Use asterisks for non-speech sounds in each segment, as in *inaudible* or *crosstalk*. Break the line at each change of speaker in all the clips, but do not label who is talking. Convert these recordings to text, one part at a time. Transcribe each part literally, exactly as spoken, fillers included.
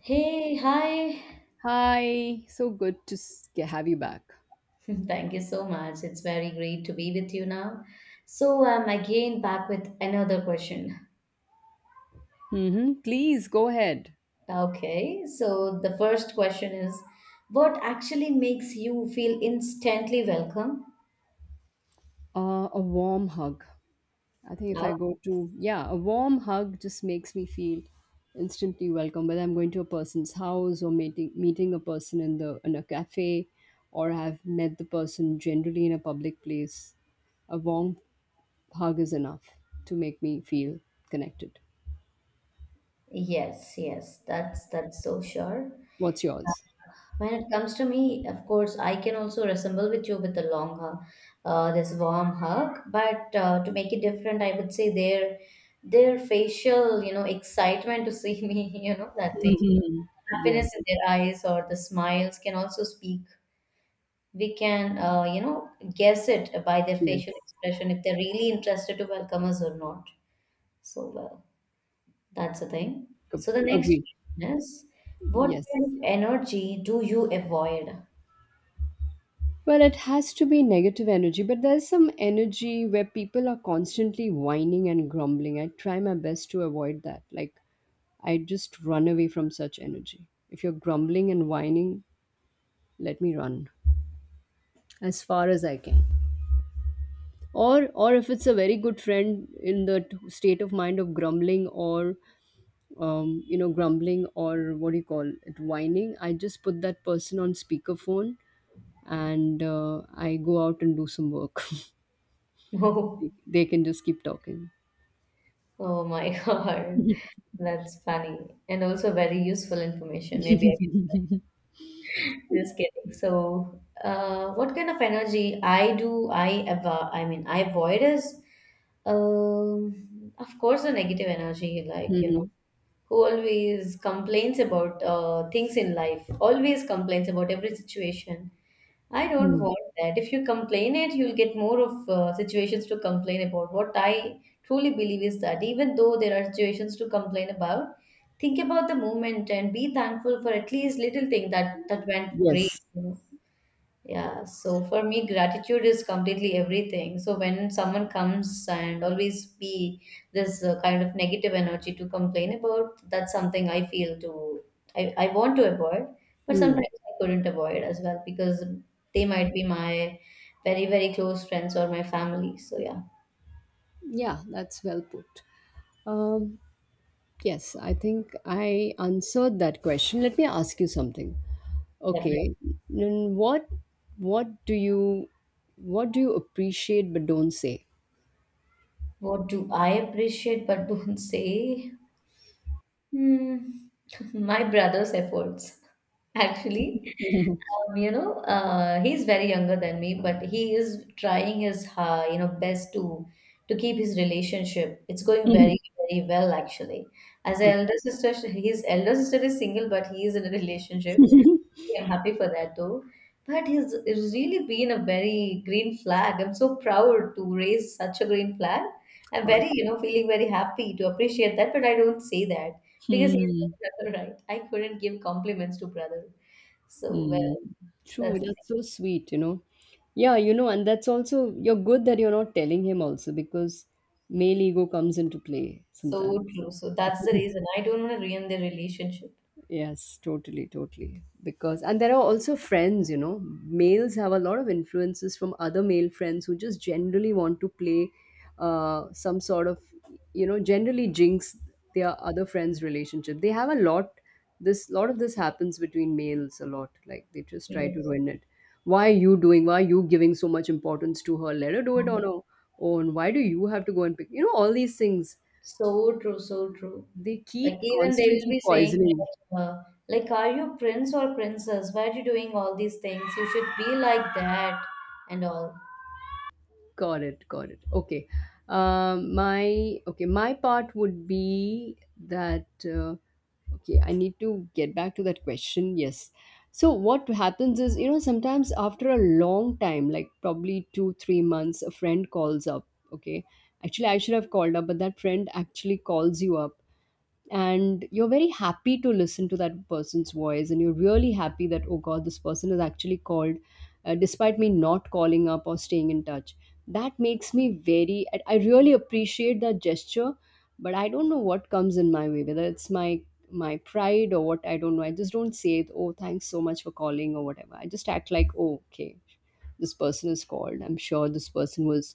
Hey, hi.
Hi, so good to s- have you back.
*laughs* Thank you so much. It's very great to be with you now. So I'm again back with another question.
hmm Please go ahead.
Okay, so the first question is, what actually makes you feel instantly welcome?
Uh, a warm hug. I think if
Oh,
I go to, yeah, a warm hug just makes me feel instantly welcome. Whether I'm going to a person's house or meeting meeting a person in the in a cafe, or have met the person generally in a public place, a warm hug is enough to make me feel connected.
yes, yes, that's that's so sure.
What's yours?
When it comes to me, of course, I can also resemble with you with a long hug, uh, this warm hug. But uh, to make it different, I would say their their facial, you know, excitement to see *laughs* me, you know, that thing,
Mhm.
happiness
Yes,
in their eyes or the smiles can also speak. We can, uh, you know, guess it by their
yes.
facial expression if they're really interested to welcome us or not. So well, that's the thing.
Co-
So the next
agree.
question is, what
Yes.
kind of energy do you avoid?
Well, it has to be negative energy, but there's some energy where people are constantly whining and grumbling. I try my best to avoid that. Like, I just run away from such energy. If you're grumbling and whining, let me run as far as I can. Or, or if it's a very good friend in the t- state of mind of grumbling, or um, you know, grumbling, or what do you call it, whining, I just put that person on speakerphone and uh, I go out and do some work. *laughs*
*laughs* No.
they they can just keep talking.
Oh my *laughs* God, that's funny and also very useful information. Maybe I should.
*laughs*
*laughs* Just kidding. So, uh, what kind of energy I do I avo I mean I avoid is, um, of course, the negative energy. Like you know,
Mhm.
who always complains about uh, things in life, always complains about every situation, I don't
Mm.
want that. If you complain it, you'll get more of uh, situations to complain about. What I truly believe is that even though there are situations to complain about, think about the moment and be thankful for at least little thing that that went great.
Yes.
Yeah, so for me, gratitude is completely everything. So when someone comes and always be this uh, kind of negative energy to complain about, that's something I feel to I, I want to avoid, but
Hmm.
sometimes I couldn't avoid as well because they might be my very, very close friends or my family. So yeah,
Yeah, that's well put. Um, yes, I think I answered that question. Let me ask you something.
definitely.
Okay, then what what do you what do you appreciate but don't say?
What do I appreciate but don't say? Hmm, *laughs* my brother's efforts. Actually,
*laughs*
um, you know, uh, he's very younger than me, but he is trying his uh, you know best to to keep his relationship. It's going very very well actually. As an
Okay.
elder sister, sh- his elder sister is single, but he is in a relationship. Hey, I'm happy for that though. But he's it's really been a very green flag. I'm so proud to raise such a green flag. I'm very you know feeling very happy to appreciate that, but I don't say that because he's
Hmm.
my brother, right? I couldn't give compliments to brother. So,
Mm.
well,
True,
that's
that's so sweet, you know. Yeah, you know, and that's also you're good that you're not telling him also because male ego comes into play
so
sometimes.
true. So that's the
*laughs*
reason I don't want to ruin their relationship.
Yes, totally, totally. Because, and there are also friends, you know, males have a lot of influences from other male friends who just generally want to play uh, some sort of, you know, generally jinx their other friends' relationship. They have a lot, this, Lot of this happens between males a lot. Like they just try to
Yes.
ruin it. Why are you doing, why are you giving so much importance to her? Let her do it
Um,
on her own. Why do you have to go and pick, you know, all these things.
So true, so true.
They
Like
keep
even they will
constantly
be saying
poisoning.
that, uh, like, are you prince or princess? Why are you doing all these things? You should be like that and all.
Got it, got it. Okay. Um, my Okay, my part would be that uh, okay, I need to get back to that question. Yes. So what happens is, you know, sometimes after a long time, like probably two, three months, a friend calls up. Okay. Actually, I should have called up, but that friend actually calls you up, and you're very happy to listen to that person's voice, and you're really happy that, oh god, this person has actually called uh, despite me not calling up or staying in touch. That makes me very. I I really appreciate that gesture, but I don't know what comes in my way, whether it's my my pride or what. I don't know, I just don't say it, oh thanks so much for calling or whatever. I just act like, oh okay, this person is called, I'm sure this person was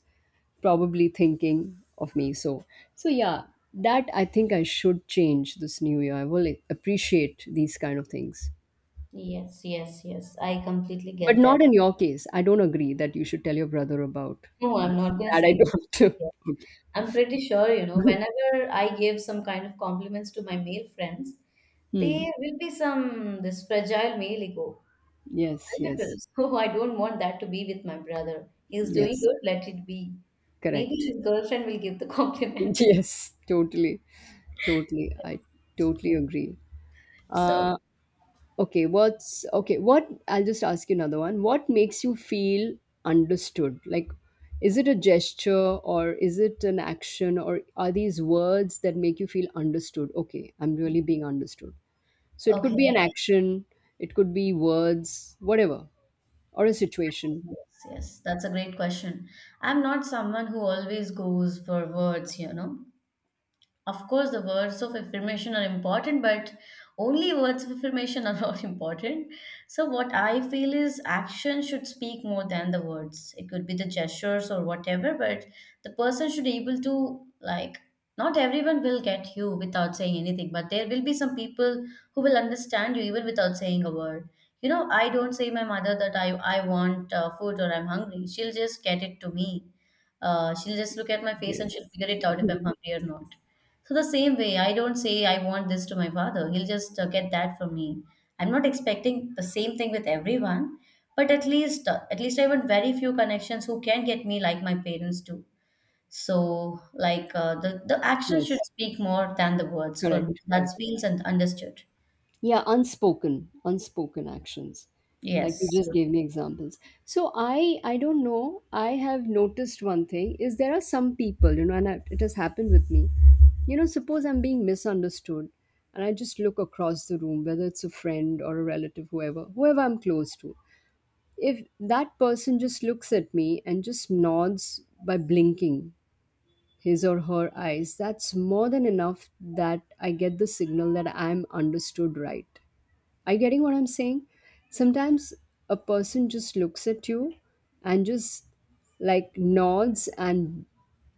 probably thinking of me. So, so yeah, that I think I should change this new year. I will, like, appreciate these kind of things,
Yes, yes, yes. I completely
but
get that.
not in your case. I don't agree that you should tell your brother about
No, I'm
this.
not gonna
That
say
I
that.
don't
Yeah.
*laughs* do.
I'm pretty sure, you know,
Okay.
whenever I give some kind of compliments to my male friends,
Hmm.
they will be some this fragile male ego.
Yes,
A little.
yes,
So *laughs* I don't want that to be with my brother. He's doing
yes.
good, let it be. Maybe
Correct.
his
*laughs*
girlfriend will give the *laughs* compliment.
Yes, totally, totally. I totally agree.
So,
Uh, Okay, what's okay? What I'll just ask you another one. What makes you feel understood? Like, is it a gesture or is it an action or are these words that make you feel understood? Okay, I'm really being understood. So it could be
okay.
an action, it could be words, whatever, or a situation.
Yes, yes, that's a great question. I'm not someone who always goes for words, you know. Of course, the words of affirmation are important, but only words of affirmation are *laughs* not important. So, what I feel is action should speak more than the words. It could be the gestures or whatever, but the person should able to like. Not everyone will get you without saying anything, but there will be some people who will understand you even without saying a word. You know, I don't say my mother that I I want uh, food or I'm hungry. She'll just get it to me. Uh, she'll just look at my face and
Yes,
she'll figure it out if I'm hungry or not. So the same way, I don't say I want this to my father. He'll just uh, get that from me. I'm not expecting the same thing with everyone, but at least uh, at least I want very few connections who can get me like my parents do. So like uh, the the action should
yes,
speak more than the words for me.
correct, correct.
That feels and understood.
Yeah, unspoken unspoken actions, like
Yes.
you just gave me examples. So i i don't know, I have noticed one thing is there are some people, you know, and I, it has happened with me, you know, suppose I'm being misunderstood, and I just look across the room, whether it's a friend or a relative, whoever whoever I'm close to, if that person just looks at me and just nods by blinking his or her eyes, that's more than enough that I get the signal that I'm understood, right? Are you getting what I'm saying? Sometimes a person just looks at you and just, like, nods, and,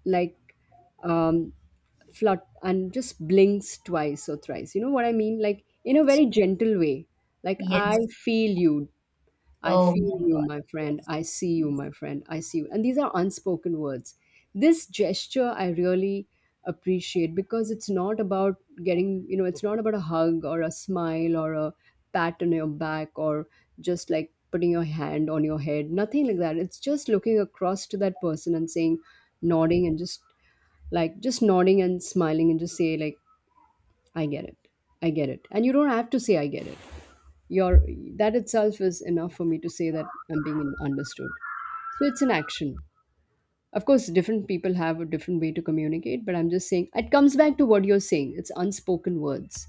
like, um flut and just blinks twice or thrice. You know what I mean? Like in a very gentle way. Like I
Yes.
feel you. I
Oh
feel
my God.
you, my friend. I see you,
Yes.
my friend. I see you. And these are unspoken words. This gesture I really appreciate because it's not about getting, you know, it's not about a hug or a smile or a pat on your back or just like putting your hand on your head, nothing like that. It's just looking across to that person and saying, nodding and just like just nodding and smiling and just say like I get it, I get it, and you don't have to say I get it. Your That itself is enough for me to say that I'm being in- understood. So it's an action. Of course, different people have a different way to communicate, but I'm just saying it comes back to what you're saying. It's unspoken words.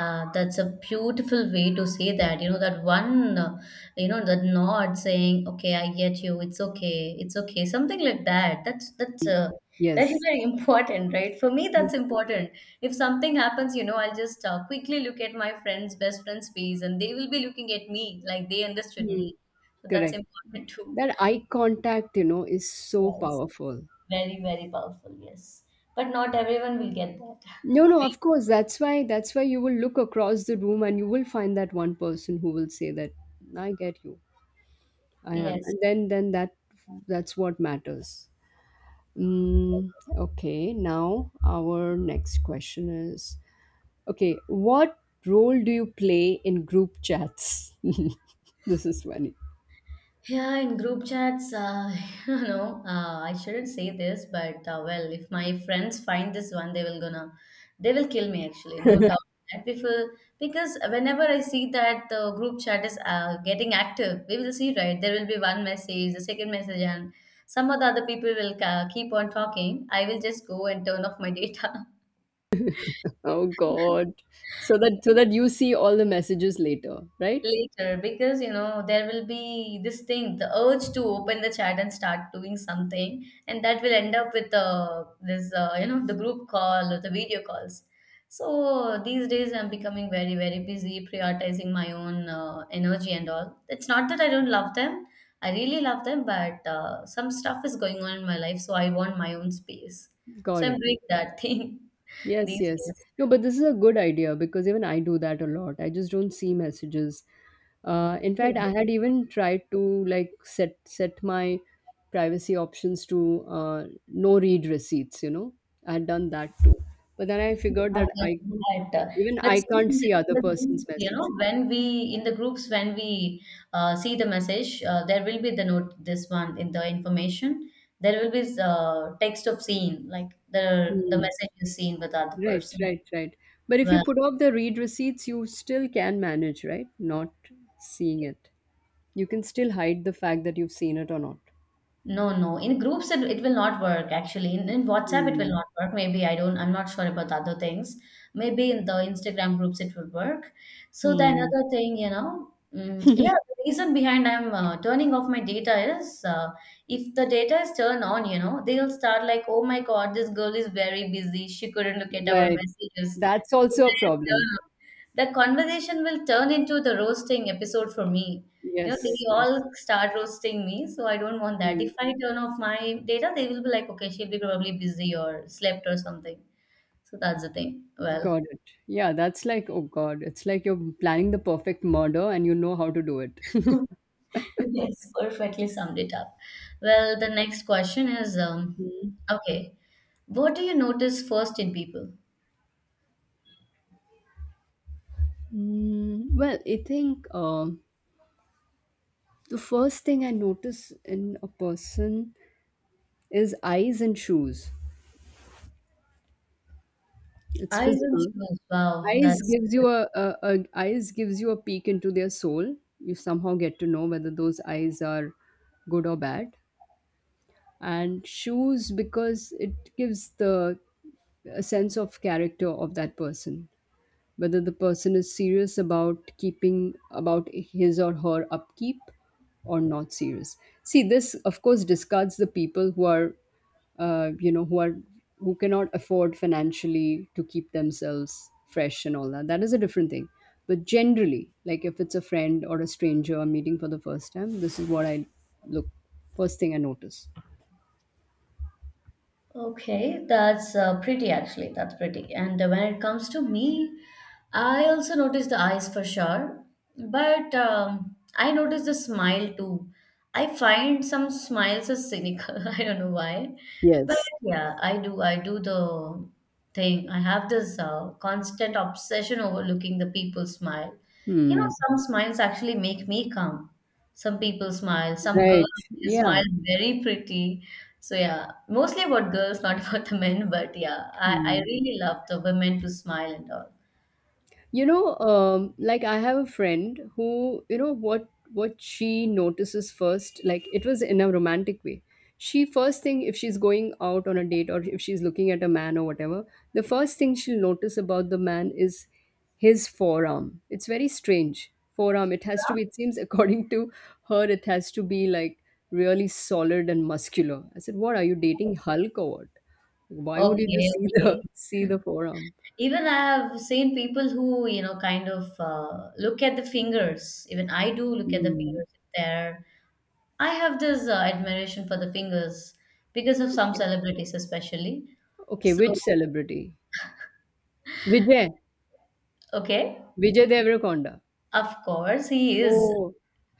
Uh, that's a beautiful way to say that. You know, that one, uh, you know, that nod saying, "Okay, I get you. It's okay. It's okay." Something like that. That's that's uh, very
Yes.
very *laughs* important, right? For me,
Yes.
that's important. If something happens, you know, I'll just uh, quickly look at my friend's best friend's face, and they will be looking at me like they understood
Hmm,
me. So that's
correct.
important too.
That eye contact you know is so
Yes,
powerful.
very very powerful. Yes, but not everyone will get that.
No, no, of course. That's why that's why you will look across the room and you will find that one person who will say that, I get you.
*laughs*
I am.
Yes.
And then then that, that's what matters. Mm, okay, now our next question is, okay, what role do you play in group chats? *laughs* This is funny.
Yeah, in group chats, uh, *laughs* you know, uh, I shouldn't say this, but uh, well, if my friends find this one, they will gonna, they will kill me actually, no doubt. That Before, because whenever I see that the group chat is uh, getting active, we will see, right? There will be one message, the second message, and some of the other people will uh, keep on talking. I will just go and turn off my data
Oh god. So that so that
*laughs*
you see all the messages later, right?
later, because you know there will be this thing, the urge to open the chat and start doing something, and that will end up with uh, this uh, you know the group call or the video calls. So these days, I'm becoming very very busy prioritizing my own uh, energy and all. It's not that I don't love them. I really love them, but uh, some stuff is going on in my life, so I want my own space. So
Got
I'm
it.
doing that *laughs* thing
Yes,
these
yes. No, but this is a good idea because even I do that a lot. I just don't see messages. Uh, in fact, I
days.
had even tried to like set set my privacy options to uh, no read receipts. You know, I had done that too. But then I figured that
Obviously
I
that, uh,
even
but
I
still
can't
in the
see
in
other
the
person's
groups, you
message.
know, when we in the groups when we uh, see the message, uh, there will be the note this one in the information. There will be uh, text of scene like the the
Hmm.
message is seen with other
Right,
person.
right, right. But if you put off the read receipts, you still can manage, right? Not seeing it. You can still hide the fact that you've seen it or not.
No, no. In groups, it, it will not work actually. In, in WhatsApp, it will
Hmm.
not work. Maybe I don't, I'm not sure about the other things. Maybe in the Instagram groups, it will work. So, the
Hmm.
another thing, you know, mm, yeah,
*laughs*
the reason behind I'm uh, turning off my data is uh, if the data is turned on, you know, they'll start like, oh my God, this girl is very busy. She couldn't look at our
Right.
messages.
That's
The data
also a
is
problem.
turned the conversation will turn into the roasting episode for me. You know, they
Yes,
all
yes.
start roasting me, so I don't want that.
Hmm.
If I turn off my data, they will be like, okay, she'll be probably busy or slept or something. So that's the thing. Well,
Got it. Yeah, that's like, oh God, it's like you're planning the perfect murder and you know how to do it. *laughs*
*laughs* yes, perfectly summed it up. Well, the next question is, um, okay, what do you notice first in people?
Mm, well, I think uh, the first thing I notice in a person is eyes and shoes. It's
Eyes and
physical.
shoes. Wow,
Eyes
that's
gives you a, a, a eyes gives you a peek into their soul. You somehow get to know whether those eyes are good or bad. And shoes, because it gives the a sense of character of that person, whether the person is serious about keeping, about his or her upkeep, or not serious. See, this of course discards the people who are uh, you know who are who cannot afford financially to keep themselves fresh and all that. That is a different thing. But generally, like, if it's a friend or a stranger I'm meeting for the first time, this is what I look, first thing I notice.
Okay, that's uh, pretty actually. That's pretty. And uh, when it comes to me, I also notice the eyes for sure, but um, I notice the smile too. I find some smiles are cynical. *laughs* I don't know why, but
Yes.
yeah, I do. I do the thing. I have this uh, constant obsession over looking the people's smile. You know,
Hmm,
some smiles actually make me calm. Some people smile, some girls
right.
they smile
Yeah.
very pretty. So yeah, mostly about girls, not *laughs* about the men, but yeah, I, I
Hmm.
really love the women to smile and all.
You know, um, like I have a friend who, you know, what what she notices first, like it was in a romantic way. She first thing, if she's going out on a date or if she's looking at a man or whatever, the first thing she'll notice about the man is his forearm. It's very strange. Forearm. It has to be, it seems, *laughs* according to her, it has to be like really solid and muscular. I said, what are you dating, Hulk or what? Why would you
Okay,
just see
okay.
the *laughs* see the forearm?
Even I have seen people who, you know, kind of uh, look at the fingers. Even I do look at the
Hmm.
fingers if they're I have this uh, admiration for the fingers because of some
Okay.
celebrities, especially.
Okay,
So,
which celebrity? Vijay.
okay,
Vijay Deverakonda.
of course, he is.
Oh,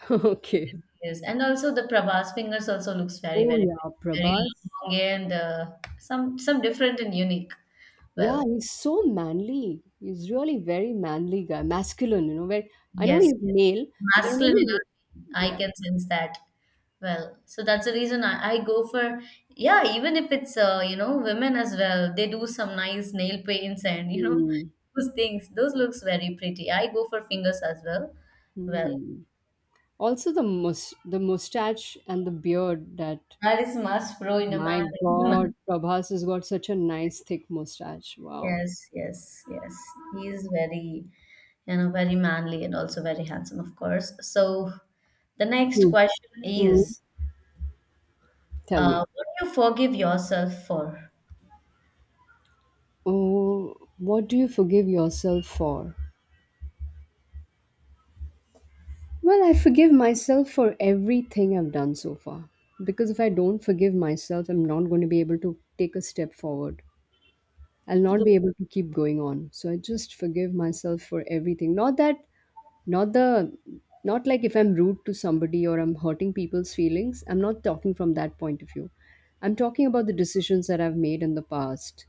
*laughs* okay.
Yes, and also the Prabhas fingers also looks very,
Oh
very,
yeah,
very
Prabhas.
long and uh, some some different and unique.
Yeah,
Well,
he's so manly. He's really very manly guy, masculine. You know, very. I know
yes,
he's
yes,
male, but there are
masculine
many.
energy. I
Yeah.
can sense that. Well, so that's the reason I, I go for, yeah. Even if it's uh, you know women as well, they do some nice nail paints and you know
Mm,
those things. Those looks very pretty. I go for fingers as well. Well,
mm. Also, the mus- the mustache and the beard. That
that is must, bro. In a
My
man,
God,
*laughs*
Prabhas has got such a nice thick mustache. Wow.
yes, yes, yes. He is very, you know, very manly and also very handsome, of course. So the next
Hmm.
question
Hmm.
is,
Tell
uh,
me.
what do you forgive yourself for?
Oh, what do you forgive yourself for? Well, I forgive myself for everything I've done so far. Because if I don't forgive myself, I'm not going to be able to take a step forward. I'll not
Good.
be able to keep going on. So I just forgive myself for everything. Not that, not the, not like if I'm rude to somebody or I'm hurting people's feelings. I'm not talking from that point of view. I'm talking about the decisions that I've made in the past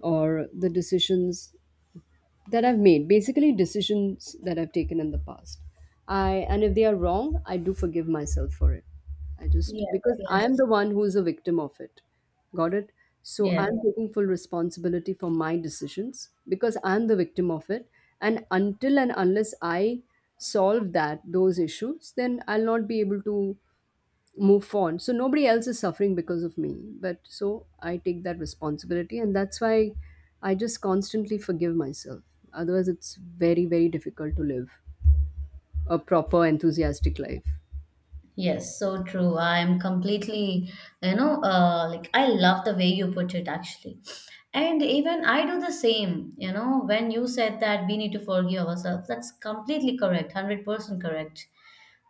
or the decisions that I've made, basically decisions that I've taken in the past. I and if they are wrong, I do forgive myself for it. I just
Yes,
Because
yes.
I am the one who is a victim of it. Got it? So
Yeah.
I'm taking full responsibility for my decisions because I'm the victim of it. And until and unless I solve that those issues, then I'll not be able to move on. So nobody else is suffering because of me. But so I take that responsibility, and that's why I just constantly forgive myself. Otherwise, it's very, very difficult to live a proper, enthusiastic life.
Yes, so true. I'm completely, you know, uh, like I love the way you put it actually. And even I do the same, you know, when you said that we need to forgive ourselves, that's completely correct, one hundred percent correct.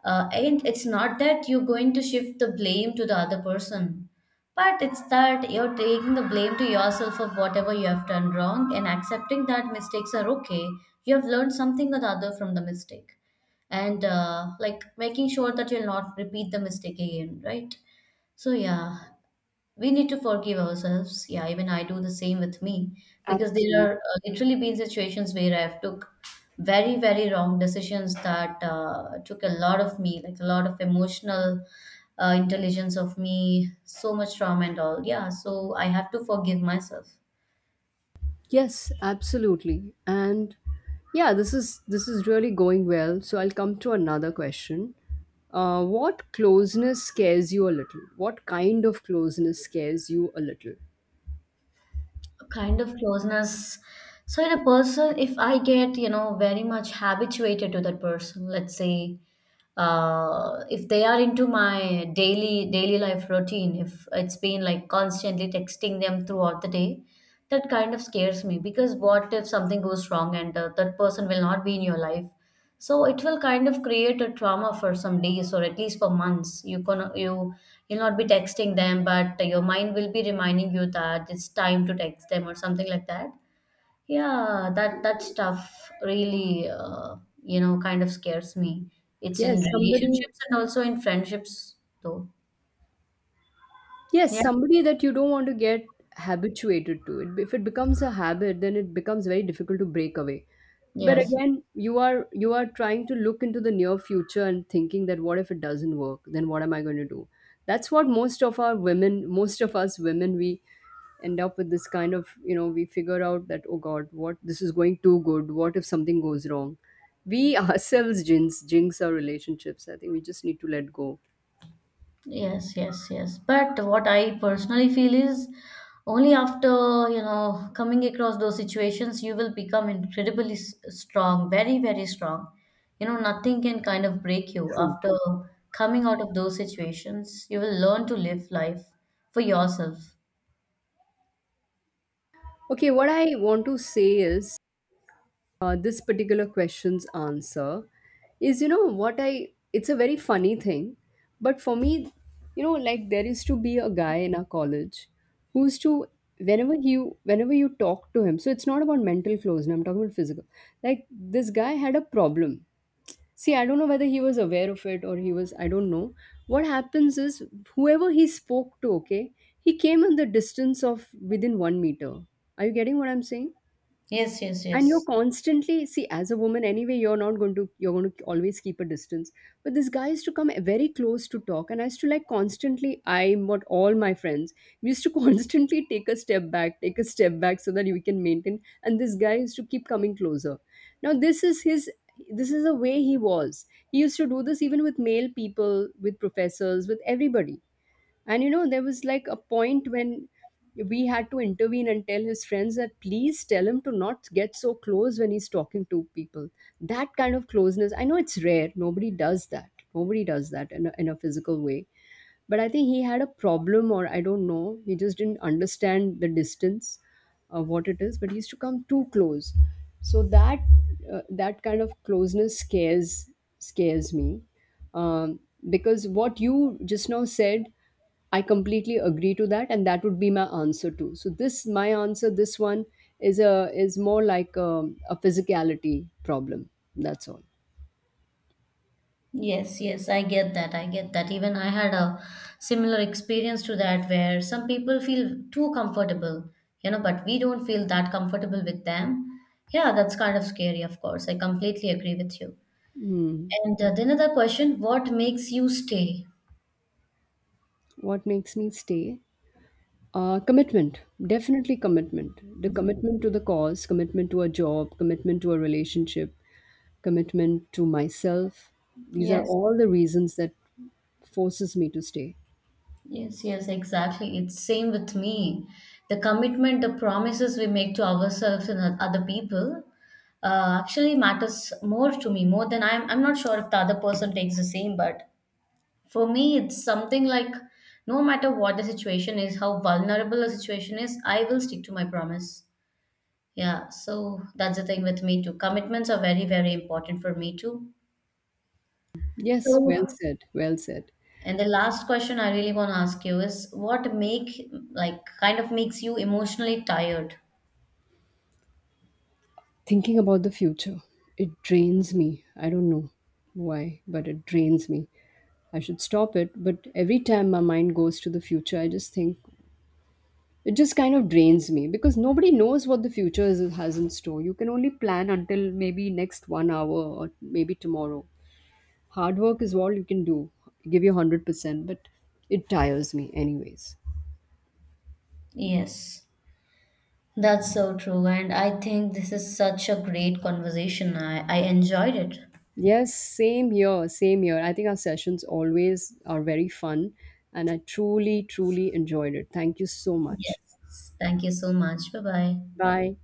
Uh, and it's not that you're going to shift the blame to the other person, but it's that you're taking the blame to yourself of whatever you have done wrong and accepting that mistakes are okay. You have learned something or the other from the mistake and uh, like making sure that you'll not repeat the mistake again, right? So yeah, we need to forgive ourselves. Yeah, even I do the same with me because there
Absolutely.
are uh, literally been situations where I've took very very wrong decisions that uh, took a lot of me, like a lot of emotional uh, intelligence of me, so much trauma and all. Yeah, so I have to forgive myself.
Yes, absolutely. And yeah, this is this is really going well. So I'll come to another question. Uh, what closeness scares you a little? What kind of closeness scares you a little?
Kind of closeness. So in a person, if I get, you know, very much habituated to that person, let's say, uh, if they are into my daily daily life routine, if it's been like constantly texting them throughout the day, that kind of scares me because what if something goes wrong and uh, that person will not be in your life? So it will kind of create a trauma for some days or at least for months. You can you you'll not be texting them, but your mind will be reminding you that it's time to text them or something like that. Yeah, that that stuff really uh, you know kind of scares me. It's in
Yes, somebody.
relationships and also in friendships though.
Yes,
Yeah.
somebody that you don't want to get habituated to. It if it becomes a habit, then it becomes very difficult to break away. But
Yes.
again, you are you are trying to look into the near future and thinking, that what if it doesn't work? Then what am I going to do? That's what most of our women, most of us women, we end up with this kind of, you know, we figure out that, oh god, what, this is going too good, what if something goes wrong, we *laughs* ourselves, jinx jinx our relationships. I think we just need to let go.
Yes, yes, yes. But what I personally feel is only after, you know, coming across those situations, you will become incredibly s- strong, very, very strong. You know, nothing can kind of break you.
True.
After coming out of those situations, you will learn to live life for yourself.
Okay, what I want to say is, uh, this particular question's answer is, you know what, I, it's a very funny thing, but for me, you know, like there used to be a guy in our college who used to, whenever you whenever you talk to him, so it's not about mental flows, and I'm talking about physical. Like this guy had a problem. See, I don't know whether he was aware of it or he was, I don't know. What happens is, whoever he spoke to, okay, he came in the distance of within one meter. Are you getting what I'm saying?
Yes, yes,
And you're
yes.
constantly, see, as a woman anyway, you're not going to, you're going to always keep a distance, but this guy used to come very close to talk, and I used to like constantly, I, what, all my friends, we used to *laughs* constantly take a step back, take a step back, so that we can maintain, and this guy used to keep coming closer. Now this is his, this is the way he was. He used to do this even with male people, with professors, with everybody. And you know, there was like a point when we had to intervene and tell his friends that please tell him to not get so close when he's talking to people. That kind of closeness, I know it's rare. Nobody does that. Nobody does that in a, in a physical way. But I think he had a problem, or I don't know, he just didn't understand the distance of what it is. But he used to come too close, so that, uh, that kind of closeness scares, scares me, um, because what you just now said, I completely agree to that, and that would be my answer too. So this my answer, this one is a, is more like a, a physicality problem. That's all.
Yes, yes, I get that. I get that. Even I had a similar experience to that where some people feel too comfortable, you know, but we don't feel that comfortable with them. Yeah, that's kind of scary, of course. I completely agree with you.
Hmm.
And uh, then another question, what makes you stay?
What makes me stay? Uh, commitment, definitely commitment. The commitment to the cause, commitment to a job, commitment to a relationship, commitment to myself. These are
Yes,
all the reasons that forces me to stay.
yes, yes, exactly. It's same with me. The commitment, the promises we make to ourselves and o- other people uh, actually matters more to me, more than I'm, I'm not sure if the other person takes the same, but for me, it's something like no matter what the situation is, how vulnerable a situation is, I will stick to my promise. Yeah, so that's the thing with me too. Commitments are very, very important for me too.
Yes,
So,
well said, well said.
and the last question I really want to ask you is, what make like kind of makes you emotionally tired?
Thinking about the future, it drains me. I don't know why, but it drains me. I should stop it, but every time my mind goes to the future, I just think, it just kind of drains me because nobody knows what the future is, has in store. You can only plan until maybe next one hour or maybe tomorrow. Hard work is all you can do, give you one hundred percent, but it tires me, anyways.
Yes, that's so true. And I think this is such a great conversation. I, I enjoyed it.
Yes, same here, same here. I think our sessions always are very fun, and I truly, truly enjoyed it. Thank you so much.
Yes. Thank you so much. Bye bye.
Bye.